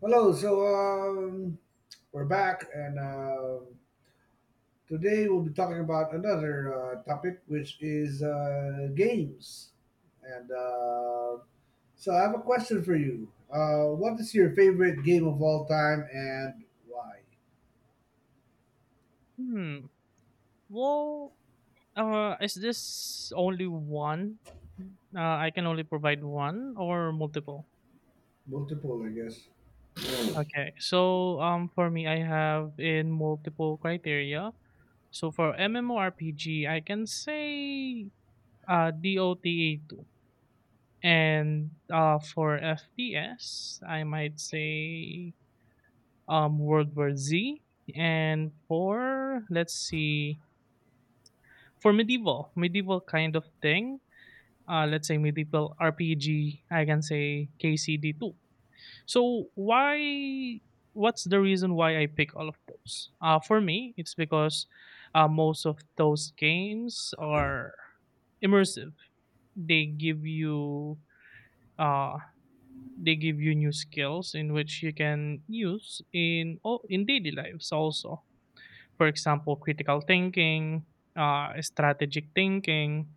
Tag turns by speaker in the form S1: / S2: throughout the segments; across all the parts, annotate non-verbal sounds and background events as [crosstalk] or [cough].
S1: Hello. We're back, and today we'll be talking about another topic, which is games. And so I have a question for you. What is your favorite game of all time, and why?
S2: Hmm. Well, is this only one? Uh, I can only provide one or multiple.
S1: Multiple, I guess.
S2: Okay. So, for me, I have in multiple criteria. So for MMORPG, I can say DOTA2, and for FPS, I might say World War Z, and for let's see, for medieval kind of thing. Let's say medieval RPG, I can say KCD2. So why? What's the reason why I pick all of those? For me, it's because most of those games are immersive. They give you uh, new skills in which you can use in in daily lives also. For example, critical thinking, strategic thinking,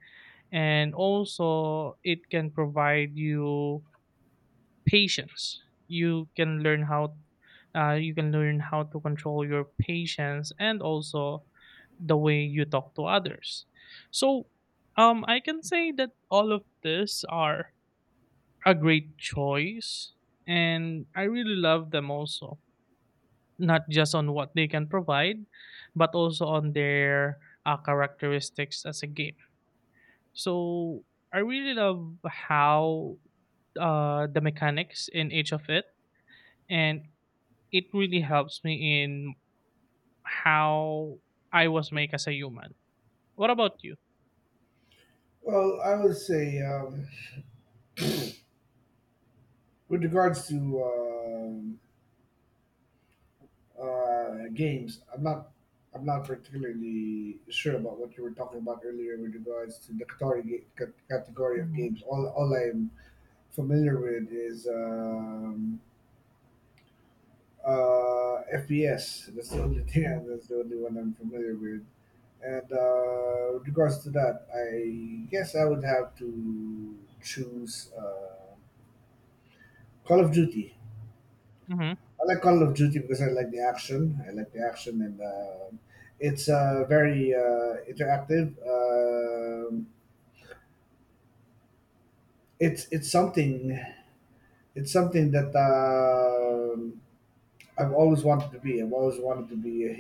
S2: and also it can provide you patience. You can learn how to control your patience and also the way you talk to others. So I can say that all of these are a great choice, and I really love them also. Not just on what they can provide, but also on their characteristics as a game. So I really love how the mechanics in each of it, and it really helps me in how I was made as a human. What about you?
S1: Well, I would say, with regards to um games. I'm not particularly sure about what you were talking about earlier with regards to the category category of
S2: Mhm,
S1: games. All I'm familiar with is FPS. That's the only [laughs]
S2: mhm,
S1: thing. That's the only one I'm familiar with. And with regards to that, I guess I would have to choose Call of Duty.
S2: mhm,
S1: I like Call of Duty because I like the action. I like the action, and it's very interactive. It's it's something it's something that I've always wanted to be. I've always wanted to be a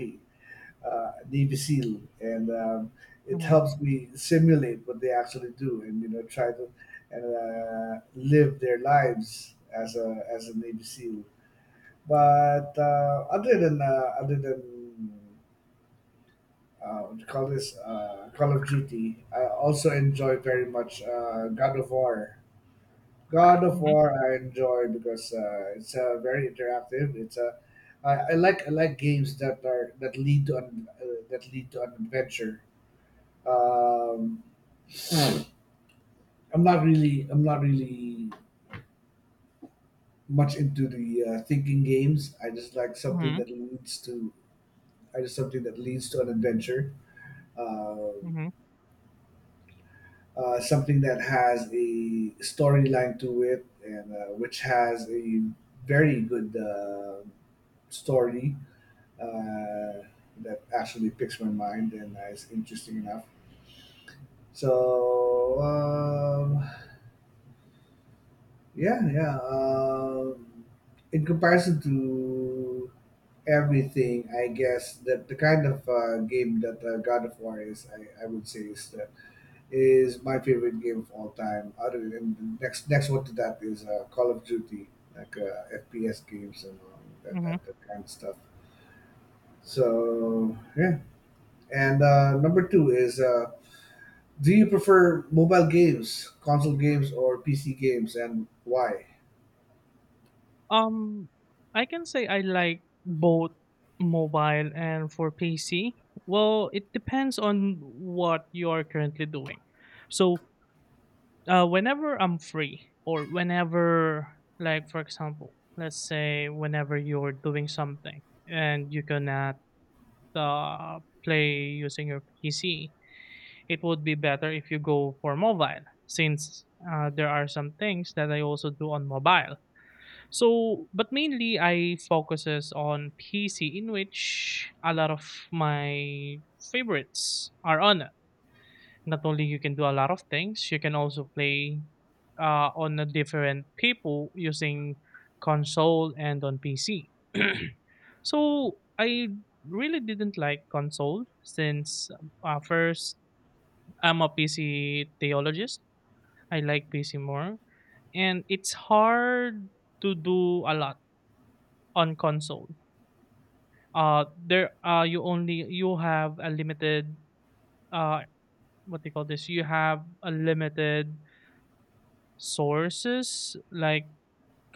S1: Navy SEAL, and it
S2: mhm,
S1: helps me simulate what they actually do, and you know, try to and live their lives as a Navy SEAL. But other than what you call this Call of Duty. I also enjoy very much God of War. God of
S2: mhm,
S1: War I enjoy because it's very interactive. It's a I like games that are that lead to an adventure. Um, I'm not really much into the thinking games.
S2: mhm,
S1: I just something that leads to an adventure. Um
S2: mhm,
S1: Something that has a storyline to it and which has a very good story uh, that actually picks my mind and is interesting enough. So yeah, yeah. In comparison to everything, I guess that the kind of game that God of War is, I would say, is my favorite game of all time. Other than next one to that is Call of Duty, like FPS games and all that,
S2: mhm.
S1: that that kind of stuff. So yeah, and number two is, do you prefer mobile games, console games, or PC games, and why?
S2: Um, I can say I like both mobile and for PC. Well, it depends on what you are currently doing. So, whenever I'm free, or whenever, like for example, let's say whenever you're doing something and you cannot play using your PC, it would be better if you go for mobile, since there are some things that I also do on mobile. So, but mainly I focuses on PC, in which a lot of my favorites are on it. Not only you can do a lot of things, you can also play on a different people using console and on PC. [clears throat] So I really didn't like console since first I'm a PC theologist. I like PC more, and it's hard to do a lot on console. There, you only, you have a limited, uh what do you call this? You have a limited sources, like,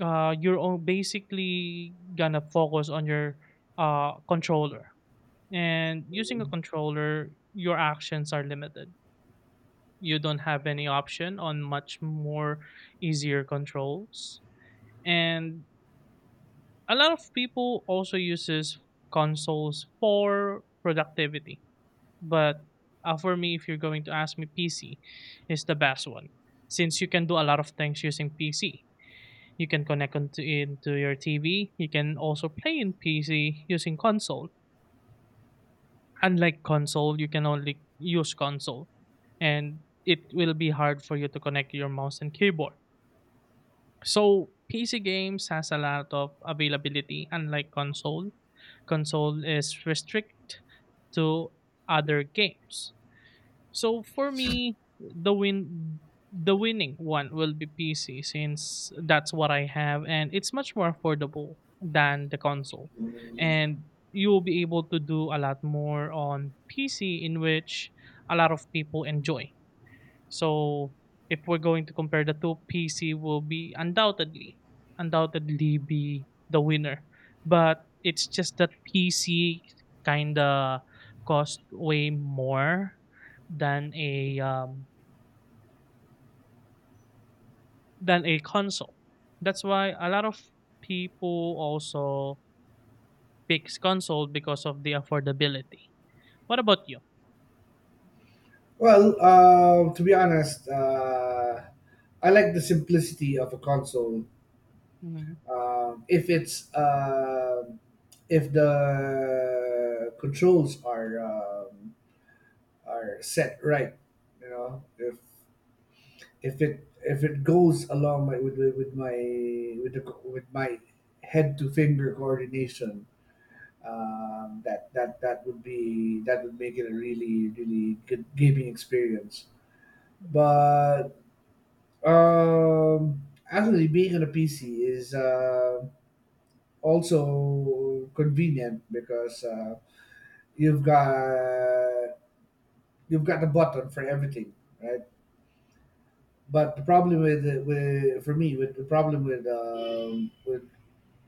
S2: basically gonna focus on your controller, and using a controller your actions are limited. You don't have any option on much more easier controls, and a lot of people also uses consoles for productivity. But for me, if you're going to ask me, PC is the best one, since you can do a lot of things using PC. You can connect onto into your TV. You can also play in PC using console. Unlike console, you can only use console, and it will be hard for you to connect your mouse and keyboard. So PC games has a lot of availability, unlike console. Console is restrict to other games. So for me, the winning one will be PC, since that's what I have, and it's much more affordable than the console.
S1: Mhm.
S2: And you will be able to do a lot more on PC, in which a lot of people enjoy. So if we're going to compare the two, PC will be undoubtedly be the winner. But it's just that PC kinda cost way more than a um, than a console. That's why a lot of people also picks console because of the affordability. What about you?
S1: Well, to be honest, I like the simplicity of a console,
S2: Hmm.
S1: um, if it's um, if the controls are set right, you know, if it goes along my, with my with the, co- with my head to finger coordination. Um, that that that would be that would make it a really really good gaming experience. But um, actually being on a PC is also convenient because you've got, you've got the button for everything, right? But the problem with for me with the problem with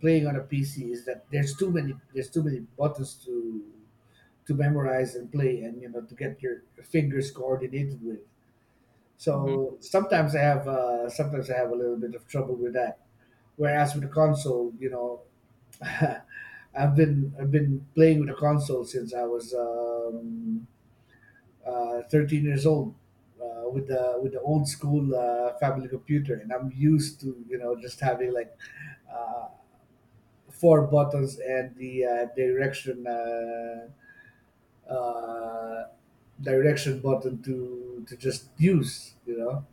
S1: playing on a PC is that there's too many buttons to memorize and play, and you know, to get your fingers coordinated with.
S2: Hmm.
S1: So sometimes I have a little bit of trouble with that. Whereas with the console, you know, [laughs] I've been playing with the console since I was 13 years old, with the old school family computer, and I'm used to, you know, just having like uh, four buttons and the uh, direction button to just use, you know.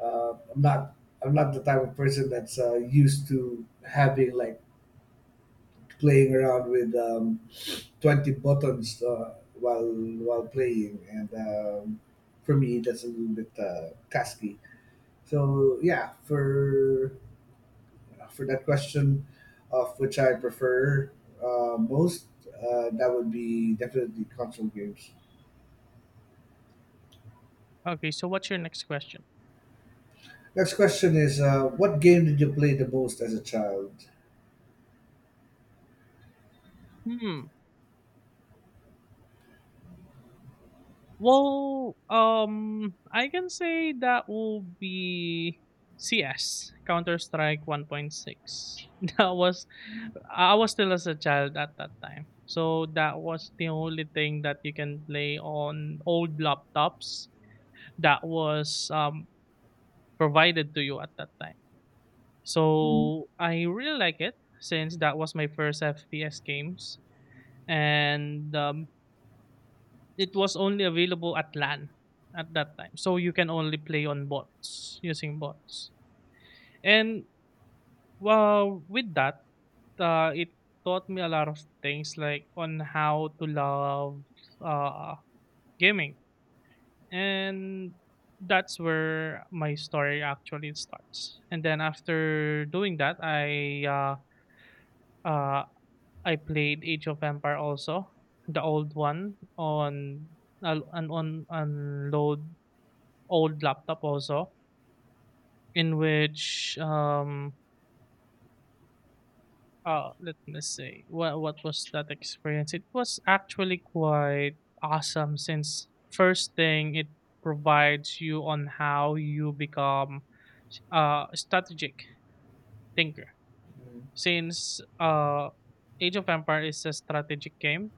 S1: Uh, I'm not I'm not the type of person that's used to having like playing around with 20 buttons while playing, and for me that's a little bit tasky. So yeah, for that question of which I prefer most, that would be definitely console games.
S2: Okay, so what's your next question?
S1: Next question is, what game did you play the most as a child?
S2: Hmm. Well, I can say that will be CS, Counter Strike 1.6. [laughs] That was I was still as a child at that time. So that was the only thing that you can play on old laptops that was provided to you at that time.
S1: Mm.
S2: So I really like it, since that was my first FPS games, and it was only available at LAN at that time, so you can only play on bots, using bots. And, well, with that, it taught me a lot of things, like on how to love, uh, gaming, and that's where my story actually starts. And then after doing that, uh, I played Age of Empire also, the old one on al an on load old laptop also, in which, let me see, what was that experience. It was actually quite awesome, since first thing, it provides you on how you become strategic thinker, since Age of Empire is a strategic game,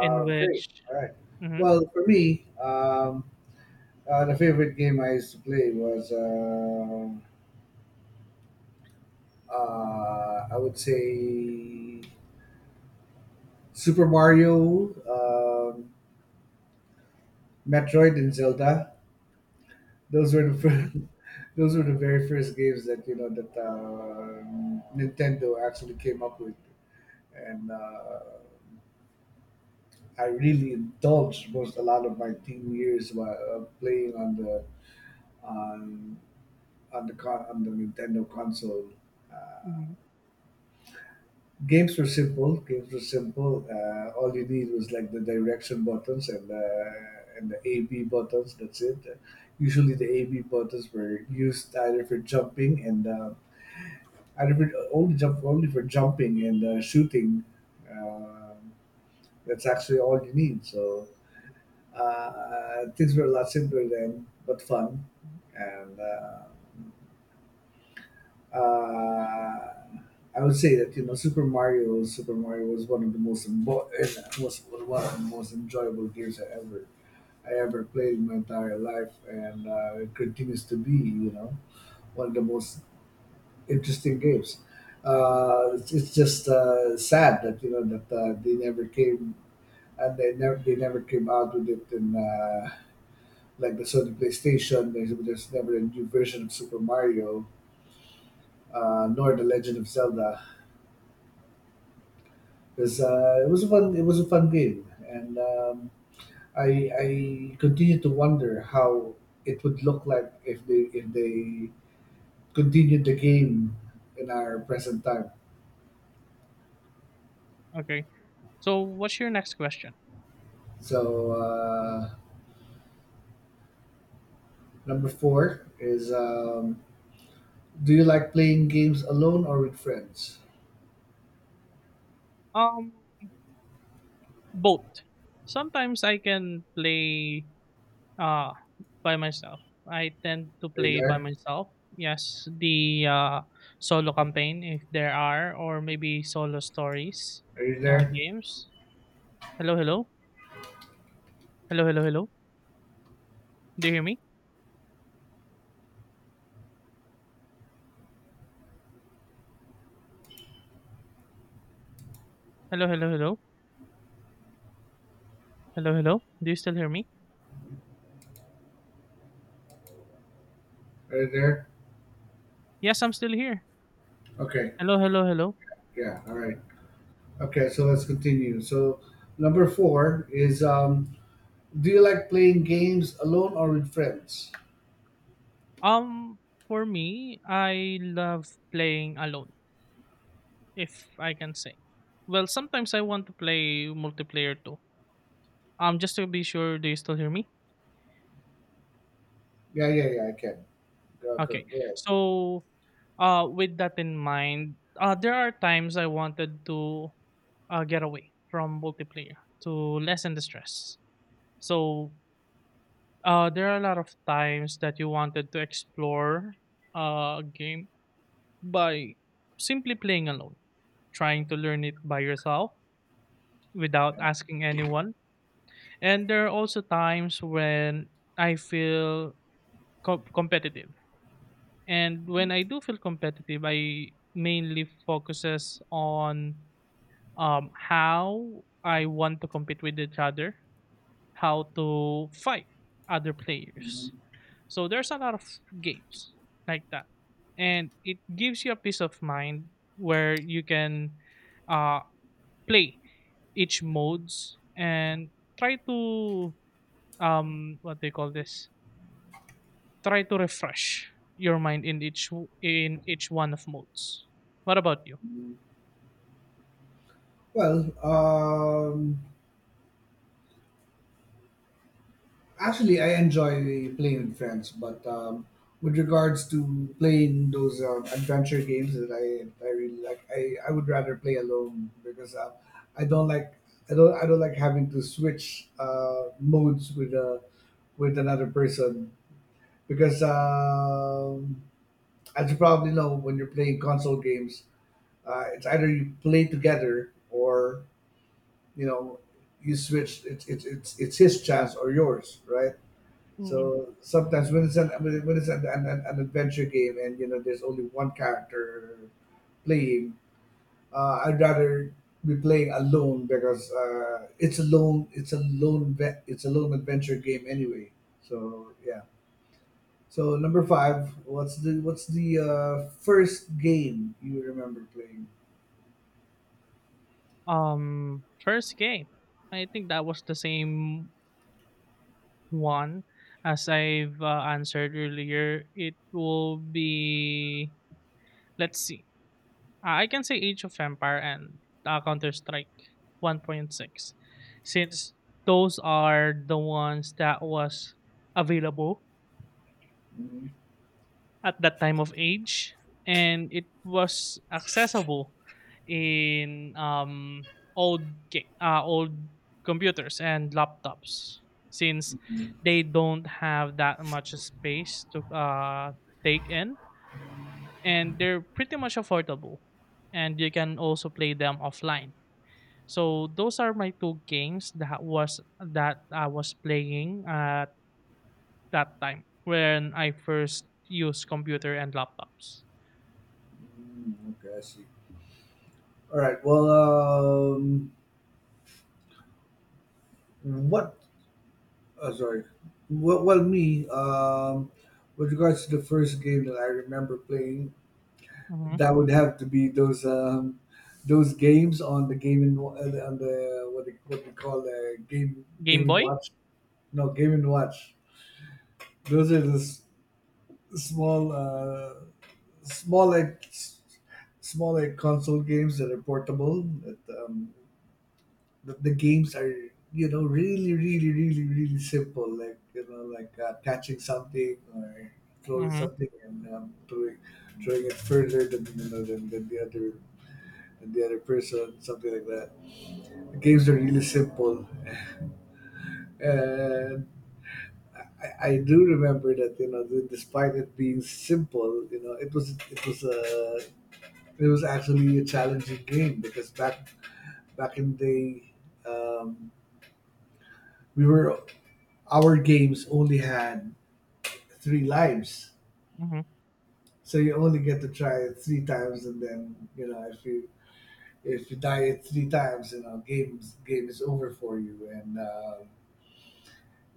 S2: in
S1: Great.
S2: which...
S1: All right.
S2: Mhm,
S1: Well, for me, the favorite game I used to play was, I would say, Super Mario, Metroid, and Zelda. Those were the
S2: mhm,
S1: first, [laughs] those were the very first games that, you know, that Nintendo actually came up with, and I really indulged most a lot of my teen years while playing on the on on the Nintendo console. Uh,
S2: mhm,
S1: Games were simple. All you need was like the direction buttons and the AB buttons. That's it. Usually the AB buttons were used either for jumping and either for only jump only for jumping and shooting. Um that's actually all you need. So uh, things were a lot simpler then, but fun.
S2: mhm.
S1: And. Uh, I would say that, you know, Super Mario was one of the most was one of the most enjoyable games I ever, I ever played in my entire life, and it continues to be, you know, one of the most interesting games. It's just sad that, you know, that they never came out with it in like the Sony PlayStation. There's never a new version of Super Mario, nor the Legend of Zelda. Because it was a fun game, and I continue to wonder how it would look like if they continued the game in our present time.
S2: Okay, so what's your next question?
S1: So number four is, do you like playing games alone or with friends?
S2: um Both. Sometimes I can play, Ah, by myself. I tend to
S1: Are you
S2: play by
S1: there?
S2: myself. Yes, the solo campaign, if there are, or maybe solo stories
S1: Are you there?
S2: games. Hello, hello. Hello, hello, hello. Do you hear me? Hello, hello, hello. Hello, hello. Do you still hear me?
S1: Are you there?
S2: Yes, I'm still here.
S1: Okay.
S2: Hello, hello, hello.
S1: Yeah. All right. Okay. So let's continue. So number four is, do you like playing games alone or with friends?
S2: Um, for me, I love playing alone, if I can say. Well, sometimes I want to play multiplayer too. Just to be sure, do you still hear me?
S1: Yeah, yeah, yeah, I can. Go, go,
S2: Okay.
S1: go ahead.
S2: So, with that in mind, there are times I wanted to get away from multiplayer to lessen the stress. So, there are a lot of times that you wanted to explore a game by simply playing alone, trying to learn it by yourself, without
S1: Yeah.
S2: asking anyone. And there are also times when I feel competitive. And when I do feel competitive, I mainly focuses on how I want to compete with each other, how to fight other players. So there's a lot of games like that, and it gives you a peace of mind, where you can uh, play each modes and try to what they call this try to refresh your mind in each in each one of modes. What about you?
S1: Well, actually, I enjoy playing with friends, but with regards to playing those adventure games that I really like, I would rather play alone because I don't like I don't like having to switch modes with another person because as you probably know, when you're playing console games, it's either you play together or, you know, you switched it's, it's his chance or yours, right?
S2: Mm.
S1: So sometimes when it's an when it's an adventure game, and you know there's only one character playing, I'd rather be playing alone because it's a lone adventure game anyway. So yeah. So number five, what's the first game you remember playing?
S2: First game. I think that was the same one as I've answered earlier. It will be, let's see. I can say Age of Empire, and Counter Strike 1.6, since those are the ones that was available
S1: Mhm.
S2: at that time of age, and it was accessible in, old computers and laptops, since they don't have that much space to, take in, and they're pretty much affordable, and you can also play them offline. So those are my two games that I was playing at that time when I first used computer and laptops.
S1: Mm, okay, I see. All right, well, what? Sorry. Me. With regards to the first game that I remember playing,
S2: Mhm.
S1: that would have to be those games on the what they, what we call the
S2: Game
S1: game and
S2: Boy?
S1: watch. No, game and watch. Those are the small small like s- small like console games that are portable. The games are, you know, really simple, like, you know, like catching something or throwing
S2: Mhm,
S1: something, and throwing it further than, you know, than the other, person, something like that. The games are really simple, and I do remember that, you know, that despite it being simple, you know, it was, it was a it was actually a challenging game because back in the day um, we were, our games only had three lives.
S2: mhm,
S1: So you only get to try it three times, and then, you know, if you die it three times, you know, game is over for you, and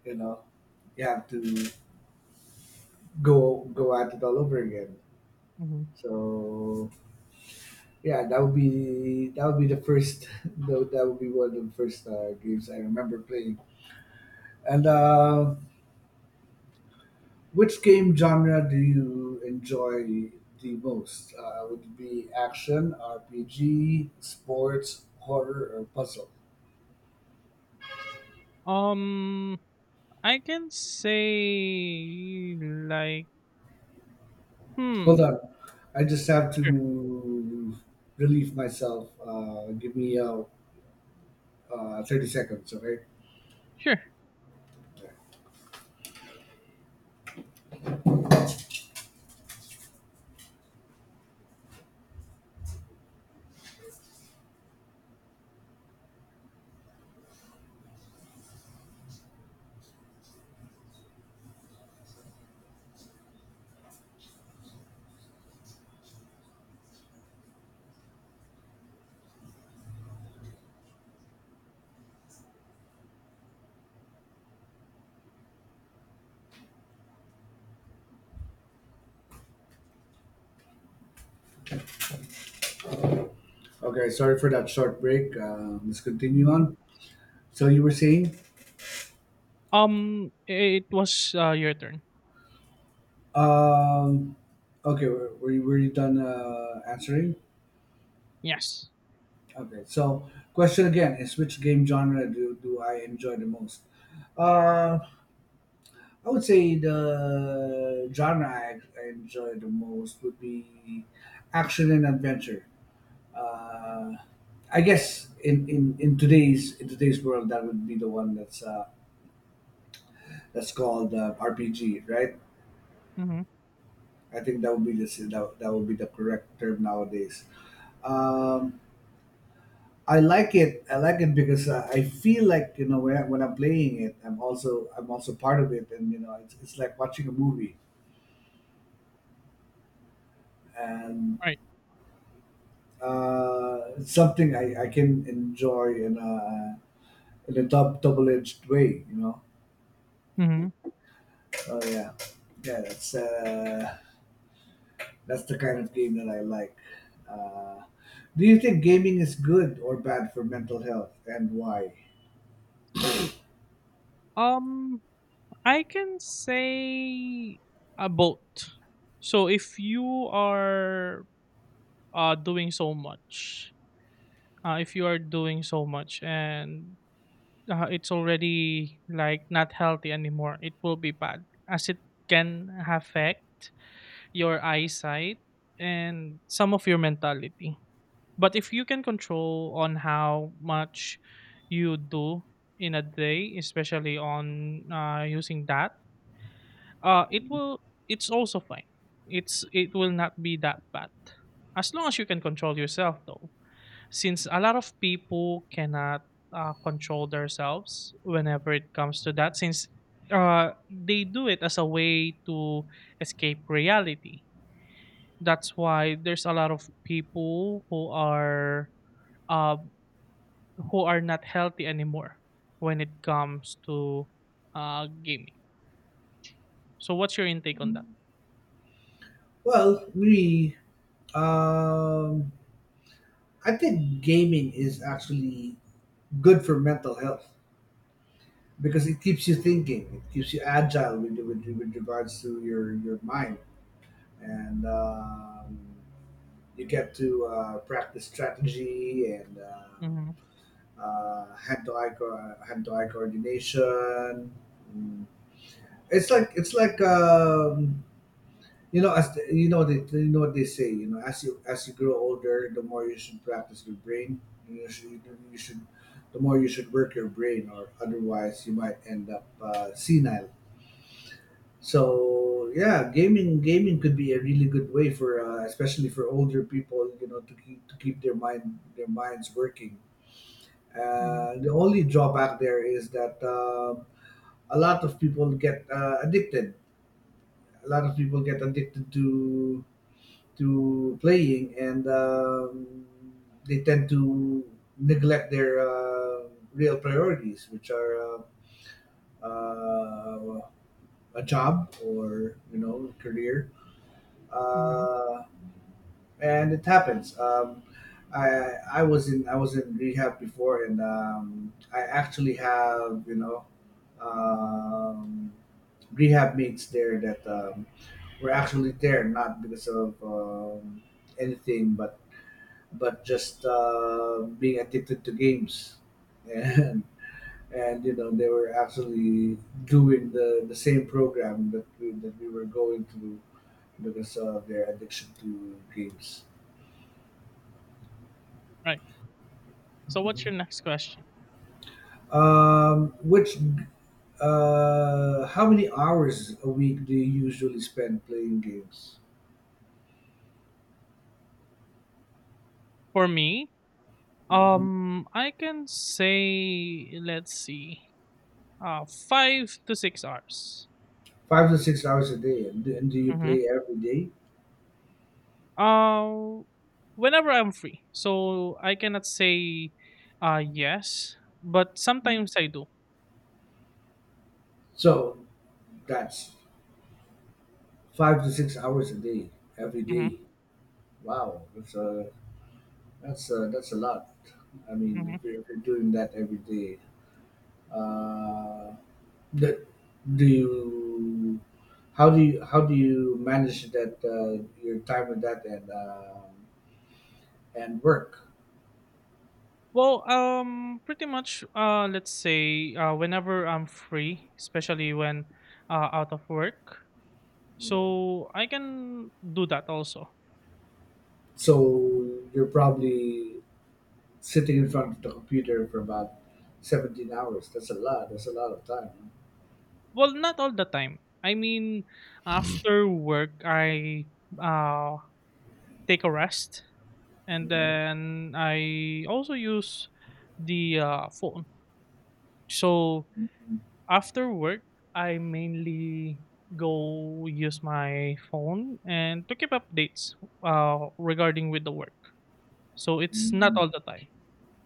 S1: you know, you have to go at it all over again.
S2: mhm.
S1: So yeah, that would be, that would be the first [laughs] that would be one of the first games I remember playing, and. Which game genre do you enjoy the most? Would it be action, RPG, sports, horror, or puzzle?
S2: Um, I can say, like, hmm,
S1: Hold on, I just have
S2: sure,
S1: to relieve myself. Give me 30 seconds, okay?
S2: sure.
S1: Okay, sorry for that short break. Let's continue
S2: Mhm.
S1: on. So you were saying,
S2: It was, your turn.
S1: um, okay, were you, were you done answering?
S2: Yes.
S1: Okay, so question again is which game genre do, do I enjoy the most? Uh, I would say the genre I enjoy the most would be action and adventure. Uh, I guess in today's, world that would be the one that's called RPG, right?
S2: Mhm,
S1: I think that would be the that would be the correct term nowadays. Um, I like it. I like it because I feel like, you know, when I'm playing it, I'm also, part of it, and you know it's like watching a movie. And
S2: right.
S1: Something I, can enjoy in a dub double edged way.
S2: Mhm.
S1: Oh yeah, yeah. That's the kind of game that I like. Uh, do you think gaming is good or bad for mental health, and why?
S2: Um, I can say a boat. So if you are, doing so much, if you are doing so much and it's already like not healthy anymore, it will be bad, as it can affect your eyesight and some of your mentality. But if you can control on how much you do in a day, especially on using that, uh, it will it's also fine. It will not be that bad, as long as you can control yourself, though, since a lot of people cannot control themselves whenever it comes to that, since they do it as a way to escape reality. That's why there's a lot of people who are, uh, not healthy anymore when it comes to gaming. So what's your intake on that?
S1: Well, me, um, I think gaming is actually good for mental health because it keeps you thinking, it keeps you agile with regards to your mind. And you get to practice strategy and
S2: Hmm.
S1: hand-to-eye coordination. Mm. It's like you know you know they you know what they say, you know, as you grow older, the more you should practice your brain you should you should the more you should work your brain, or otherwise you might end up senile. So yeah, gaming could be a really good way for especially for older people, you know, to keep their mind their minds working.
S2: Hmm.
S1: The only drawback there is that a lot of people get addicted. A lot of people get addicted to playing, and they tend to neglect their real priorities, which are uh, uh, a job or you know career.
S2: Hmm.
S1: Uh, and it happens. I I was in rehab before, and I actually have um, rehab mates there that were actually there not because of anything, but just being addicted to games, and and you know they were actually doing the same program that we were going through because of their addiction to games.
S2: Right. So what's
S1: Mm-hmm.
S2: your next question?
S1: Um, which, how many hours a week do you usually spend playing games?
S2: For me,
S1: Mhm.
S2: I can say, let's see, 5 to 6 hours.
S1: 5 to 6 hours a day, and do you
S2: Mm-hmm.
S1: play every day?
S2: Uh, Whenever I'm free. So I cannot say yes, but
S1: Mhm.
S2: sometimes I do.
S1: So that's 5 to 6 hours a day, every
S2: Mm-hmm.
S1: day. Wow, that's a that's a lot. I
S2: Mm-hmm.
S1: mean, if if you're doing that every day, uh, that do you? How do you manage that your time with that and work?
S2: Well, pretty much, let's say, whenever I'm free, especially when out of work, so I can do that also.
S1: So you're probably sitting in front of the computer for about 17 hours. That's a lot. That's a lot of time.
S2: Well, not all the time. I mean, after work, I uh, take a rest, and then I also use the phone. So after work, I mainly go use my phone and to keep updates regarding with the work. So it's not all the time,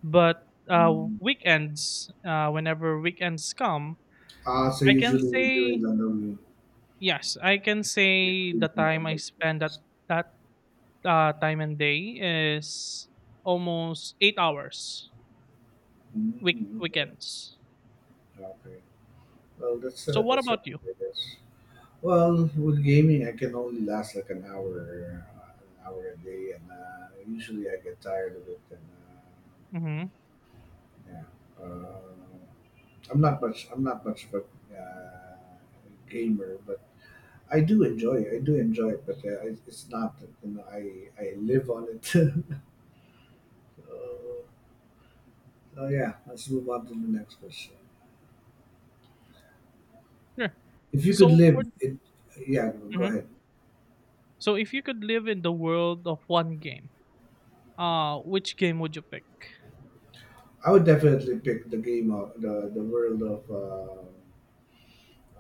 S2: but weekends, whenever weekends come,
S1: Ah, so
S2: I can
S1: usually you do it
S2: say
S1: on the week-
S2: yes. I can
S1: Usually
S2: say
S1: you
S2: the
S1: do it
S2: time
S1: on the
S2: I spend
S1: weekends.
S2: at that time and day is almost 8 hours.
S1: Mm, okay.
S2: Weekends.
S1: Okay. Well,
S2: So what
S1: that's all
S2: about you?
S1: right, I guess. Well, with gaming, I can only last like an hour a day, and usually I get tired of it. And
S2: Mm-hmm.
S1: uh, yeah, uh, I'm not much. I'm not much of a gamer, but I do enjoy it. I do enjoy it, but it's not that. You know, I live on it. [laughs] So, so yeah, let's move on to the next question.
S2: Sure.
S1: If you could
S2: So for
S1: live it, yeah, go
S2: mhm.
S1: ahead.
S2: so if you could live in the world of one game, which game would you pick?
S1: I would definitely pick the game of the world of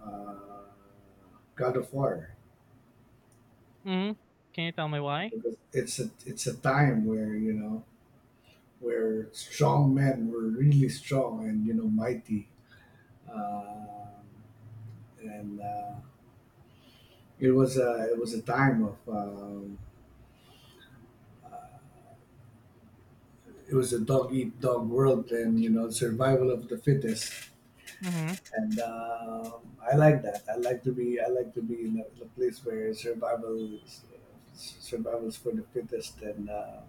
S1: uh, God of War,
S2: Hmm. Can you tell me why?
S1: because it's a time where you know where strong men were really strong and you know mighty. Um, and it was a time of uh, it was a dog eat dog world, and you know survival of the fittest.
S2: Mm-hmm.
S1: And um, I like that. I like to be in a place where survival is for the fittest, and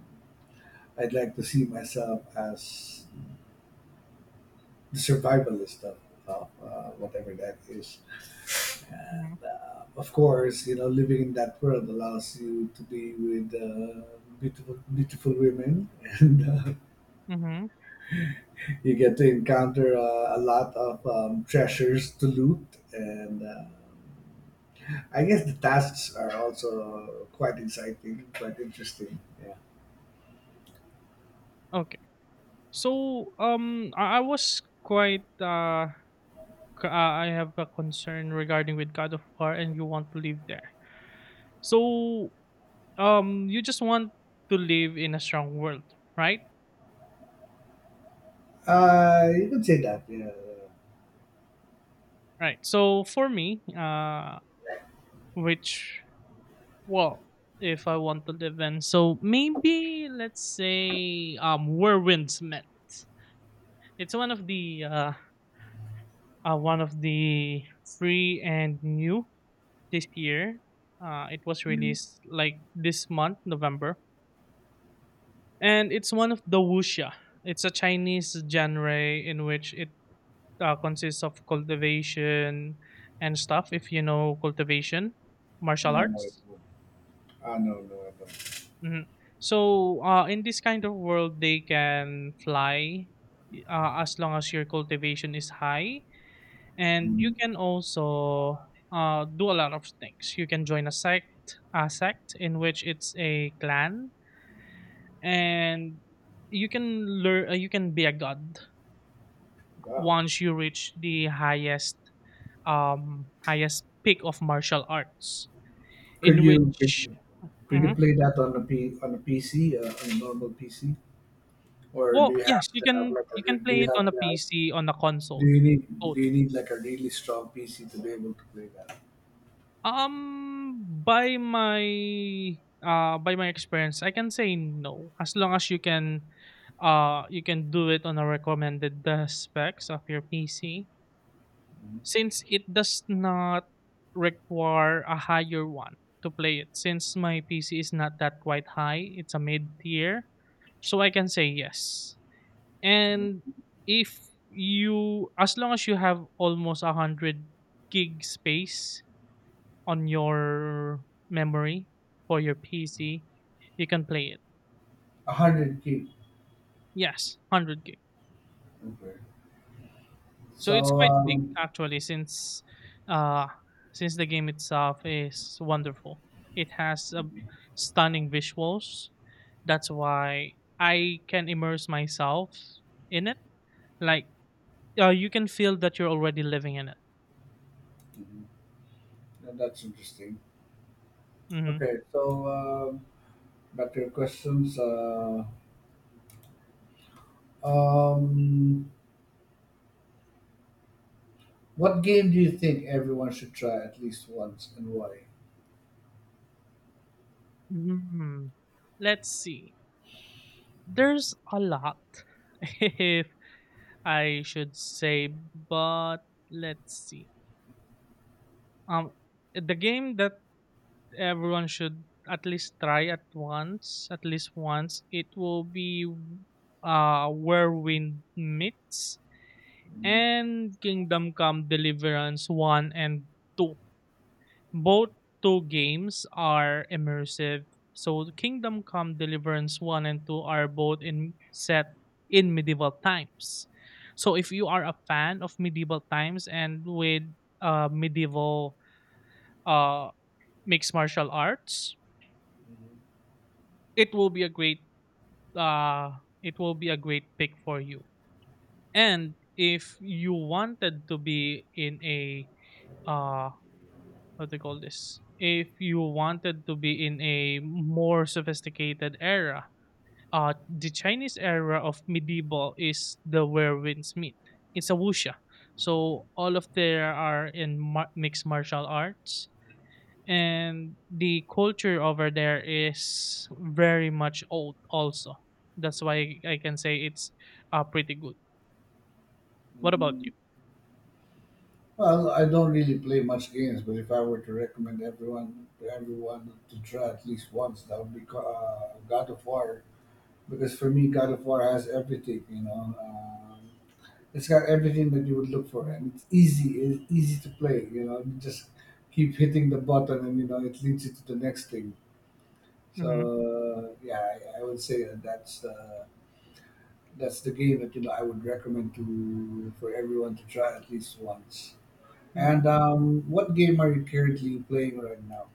S1: I'd like to see myself as the survivalist of whatever that is.
S2: Mm-hmm.
S1: And of course, you know, living in that world allows you to be with beautiful, beautiful women, [laughs] and
S2: Mm-hmm.
S1: you get to encounter a lot of treasures to loot. And I guess the tasks are also quite exciting, quite interesting. Yeah,
S2: Okay. So I was quite c- I have a concern regarding with God of War, and you want to live there. So you just want to live in a strong world, right?
S1: you could say that. Yeah.
S2: Right. So for me, which well, if I want to live in, so maybe let's say where winds met. It's one of the, one of the free and new this year. It was
S1: Mm.
S2: released like this month, November, and it's one of the wuxia. It's a Chinese genre in which it consists of cultivation and stuff. If you know cultivation, martial
S1: No, no, it
S2: arts.
S1: won't. Ah, no, no, I don't.
S2: Mhm. So, in this kind of world, they can fly, as long as your cultivation is high, and you
S1: Mm.
S2: can also do a lot of things. You can join a sect in which it's a clan, and you can learn. You can be a god
S1: Wow.
S2: once you reach the highest peak of martial arts,
S1: Could
S2: in
S1: you could,
S2: which,
S1: could you
S2: mhm,
S1: play that on a PC on a normal PC, or do
S2: well,
S1: you have
S2: yes, you
S1: to have
S2: can
S1: like a
S2: you can
S1: re- do
S2: play
S1: you
S2: it on
S1: have
S2: a
S1: to have,
S2: PC on a
S1: do
S2: console.
S1: you
S2: Both.
S1: need like a really strong PC to be able to play that?
S2: Um, by my by my experience, I can say no. As long as you can do it on a recommended specs of your PC, since it does not require a higher one to play it, since my PC is not that quite high, it's a mid tier. So I can say yes. And if you as long as you have almost a 100 gig space on your memory for your PC, you can play it.
S1: 100 gig.
S2: Yes, 100 gig.
S1: Okay.
S2: So it's
S1: So
S2: quite big actually, uh since the game itself is wonderful. It has a stunning visuals. That's why I can immerse myself in it. Like, you can feel that you're already living in it.
S1: mhm. Yeah, that's interesting.
S2: Mhm.
S1: Okay. So um, back to your questions. Um, what game do you think everyone should try at least once, and why?
S2: Mm, let's see. There's a lot [laughs] if I should say, but let's see. Um, the game that everyone should at least try at once, at least once, it will be Whirlwind Meets
S1: Mhm.
S2: and Kingdom Come Deliverance 1 and 2. Both two games are immersive, so Kingdom Come Deliverance 1 and 2 are both in set in medieval times. So if you are a fan of medieval times, and with medieval, uh, mixed martial arts, it will be a great, uh, pick for you. And if you wanted to be in a, uh, what they call this, if you wanted to be in a more sophisticated era, the Chinese era of medieval is the Where Winds Meet. It's a wuxia, so all of there are in mixed martial arts, and the culture over there is very much old also. That's why I can say it's pretty good. What about
S1: Mhm.
S2: you?
S1: Well, I don't really play much games, but if I were to recommend everyone to try at least once, that would be God of War. Because for me, God of War has everything. You know, it's got everything that you would look for, and it's easy. It's easy to play. You know, you just keep hitting the button, and you know it leads you to the next thing.
S2: Hmm.
S1: So yeah, I would say that that's the game that you know I would recommend to for everyone to try at least once.
S2: Hmm.
S1: And what game are you currently playing right now?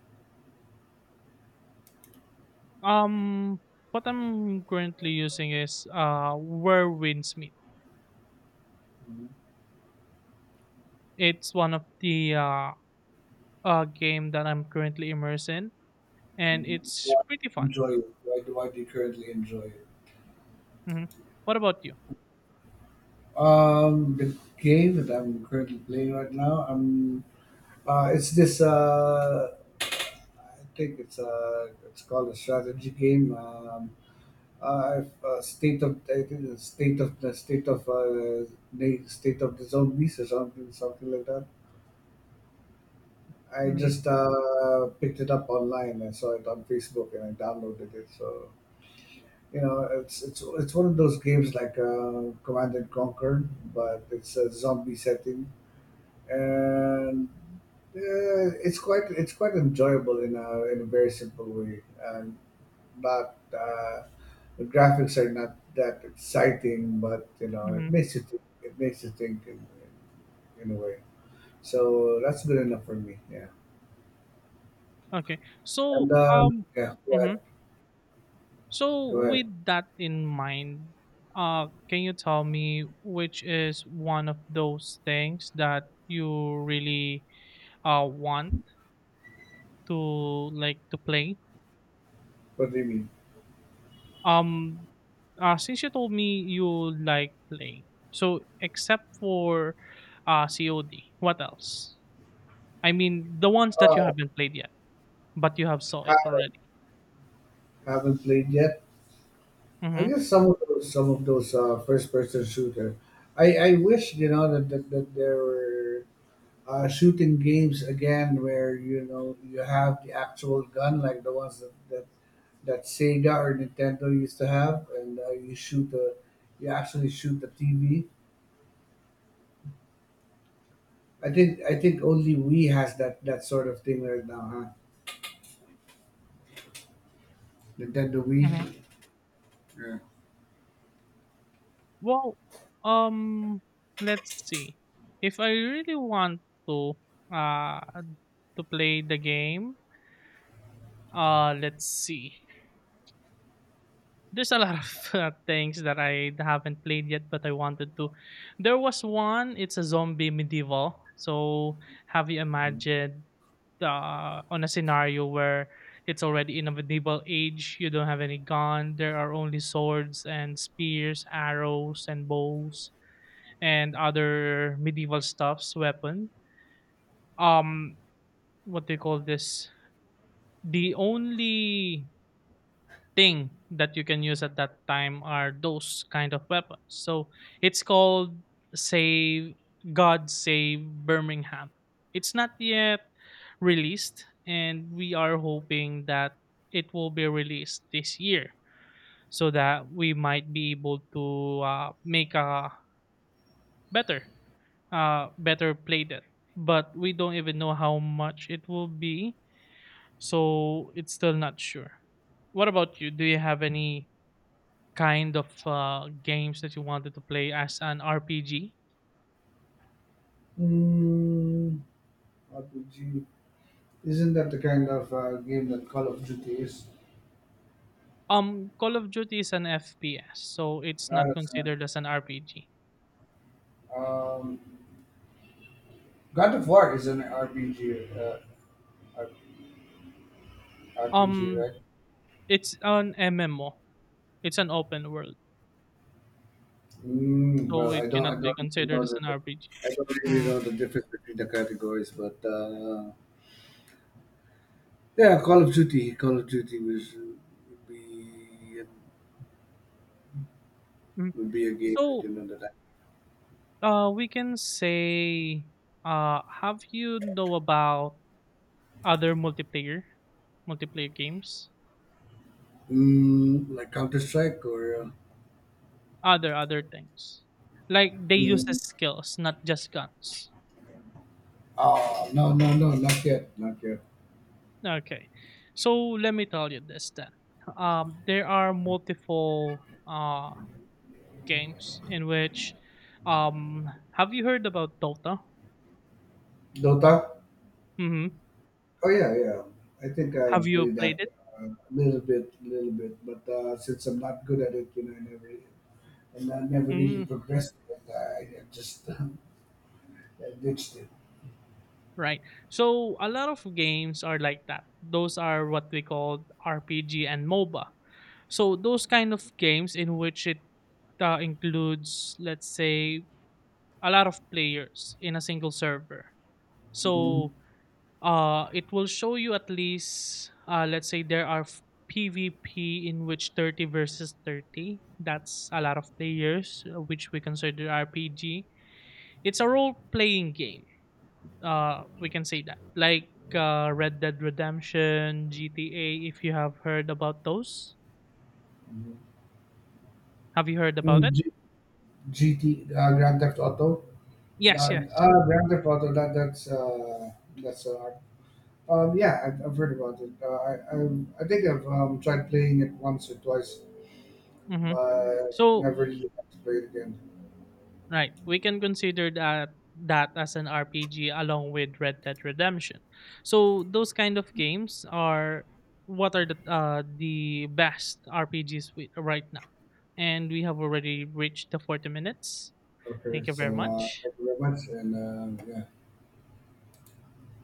S2: Um, what I'm currently using is Where Winds Meet.
S1: Mhm.
S2: It's one of the game that I'm currently immersed in, and
S1: Mhm.
S2: it's
S1: Why
S2: pretty
S1: do you
S2: fun.
S1: enjoy it? Why do you currently enjoy it?
S2: Hmm. What about you?
S1: The game that I'm currently playing right now, it's this. I think it's called a strategy game. State of I think it's state of the state of the zombies or something like that. I
S2: Hmm.
S1: just picked it up online. I saw it on Facebook and I downloaded it. So you know, it's one of those games like Command and Conquer, but it's a zombie setting, and it's quite enjoyable in a very simple way, and not the graphics are not that exciting, but you know, it
S2: Hmm.
S1: makes you think, it makes you think a way. So that's good enough for me. Yeah,
S2: Okay.
S1: and yeah, go
S2: Hmm
S1: ahead,
S2: so,
S1: go ahead.
S2: with that in mind, can you tell me which is one of those things that you really want to like to play?
S1: What do you mean?
S2: Um, since you told me you like playing, so except for COD, what else? I mean, the ones that you
S1: Uh,
S2: haven't played yet, but you have saw it
S1: ha-
S2: already.
S1: haven't played yet. I
S2: Mm-hmm.
S1: guess some of those first-person shooter. I wish you know that there were shooting games again where you know you have the actual gun like the ones that Sega or Nintendo used to have, and you shoot the you actually shoot the TV. I think only Wii has that sort of thing right now, huh? Nintendo Wii.
S2: Mm-hmm.
S1: Yeah.
S2: Well, um, let's see. If I really want to uh to play the game. Let's see. There's a lot of [laughs] things that I haven't played yet, but I wanted to. There was one. It's a zombie medieval. So have you imagined, on a scenario where it's already in a medieval age? You don't have any gun. There are only swords and spears, arrows and bows, and other medieval stuffs, weapon. Um, what do you call this? The only thing that you can use at that time are those kind of weapons. So it's called Save God Save Birmingham. It's not yet released, and we are hoping that it will be released this year, so that we might be able to make a better, better play that. But we don't even know how much it will be, so it's still not sure. What about you? Do you have any kind of games that you wanted to play as an RPG?
S1: Mm, RPG. Isn't that the kind of game that Call of Duty is?
S2: Call of Duty is an FPS, so it's
S1: I
S2: not
S1: understand.
S2: considered as an RPG.
S1: Um, God of War is an RPG, R- RPG,
S2: Um,
S1: right?
S2: it's an MMO. It's an open world, so it
S1: I
S2: cannot be
S1: don't really
S2: considered
S1: know
S2: as an RPG.
S1: I don't really
S2: Mm,
S1: know the difference between the categories, but yeah, Call of Duty would be
S2: mm.
S1: a game that
S2: So,
S1: you know
S2: we can say, have you know about other multiplayer games,
S1: mm, like Counter Strike or
S2: other things? Like they use
S1: mm,
S2: as skills, not just guns.
S1: oh no no no, not yet, not yet.
S2: Okay. So let me tell you this then. There are multiple games in which. Have you heard about Dota?
S1: Dota.
S2: Mm-hmm.
S1: Oh yeah, yeah. I think
S2: Have
S1: I've
S2: you
S1: played that
S2: played it?
S1: a little bit, a little bit. But since I'm not good at it, you know, I never really
S2: Mm,
S1: progressed it. I just [laughs] I ditched it.
S2: right. So a lot of games are like that. Those are what we call RPG and MOBA. So those kind of games in which it includes, let's say, a lot of players in a single server.
S1: Hmm.
S2: So it will show you at least, let's say, there are PvP in which 30 versus 30. That's a lot of players, which we consider RPG. It's a role playing game. We can say that like, Red Dead Redemption, GTA, if you have heard about those.
S1: Hmm.
S2: Have you heard about it?
S1: G- GT Grand Theft Auto,
S2: Yes,
S1: that
S2: yes.
S1: Grand Theft Auto, that's art. Yeah, I've heard about it. I'm, I think I've tried playing it once or twice,
S2: Mhm.
S1: but
S2: so
S1: never really got to play it again.
S2: Right. We can consider that as an RPG along with Red Dead Redemption. So those kind of games are what are the best RPGs we, right now. And we have already reached the 40 minutes.
S1: Okay,
S2: Thank you
S1: so
S2: very much.
S1: thank you very much, and yeah.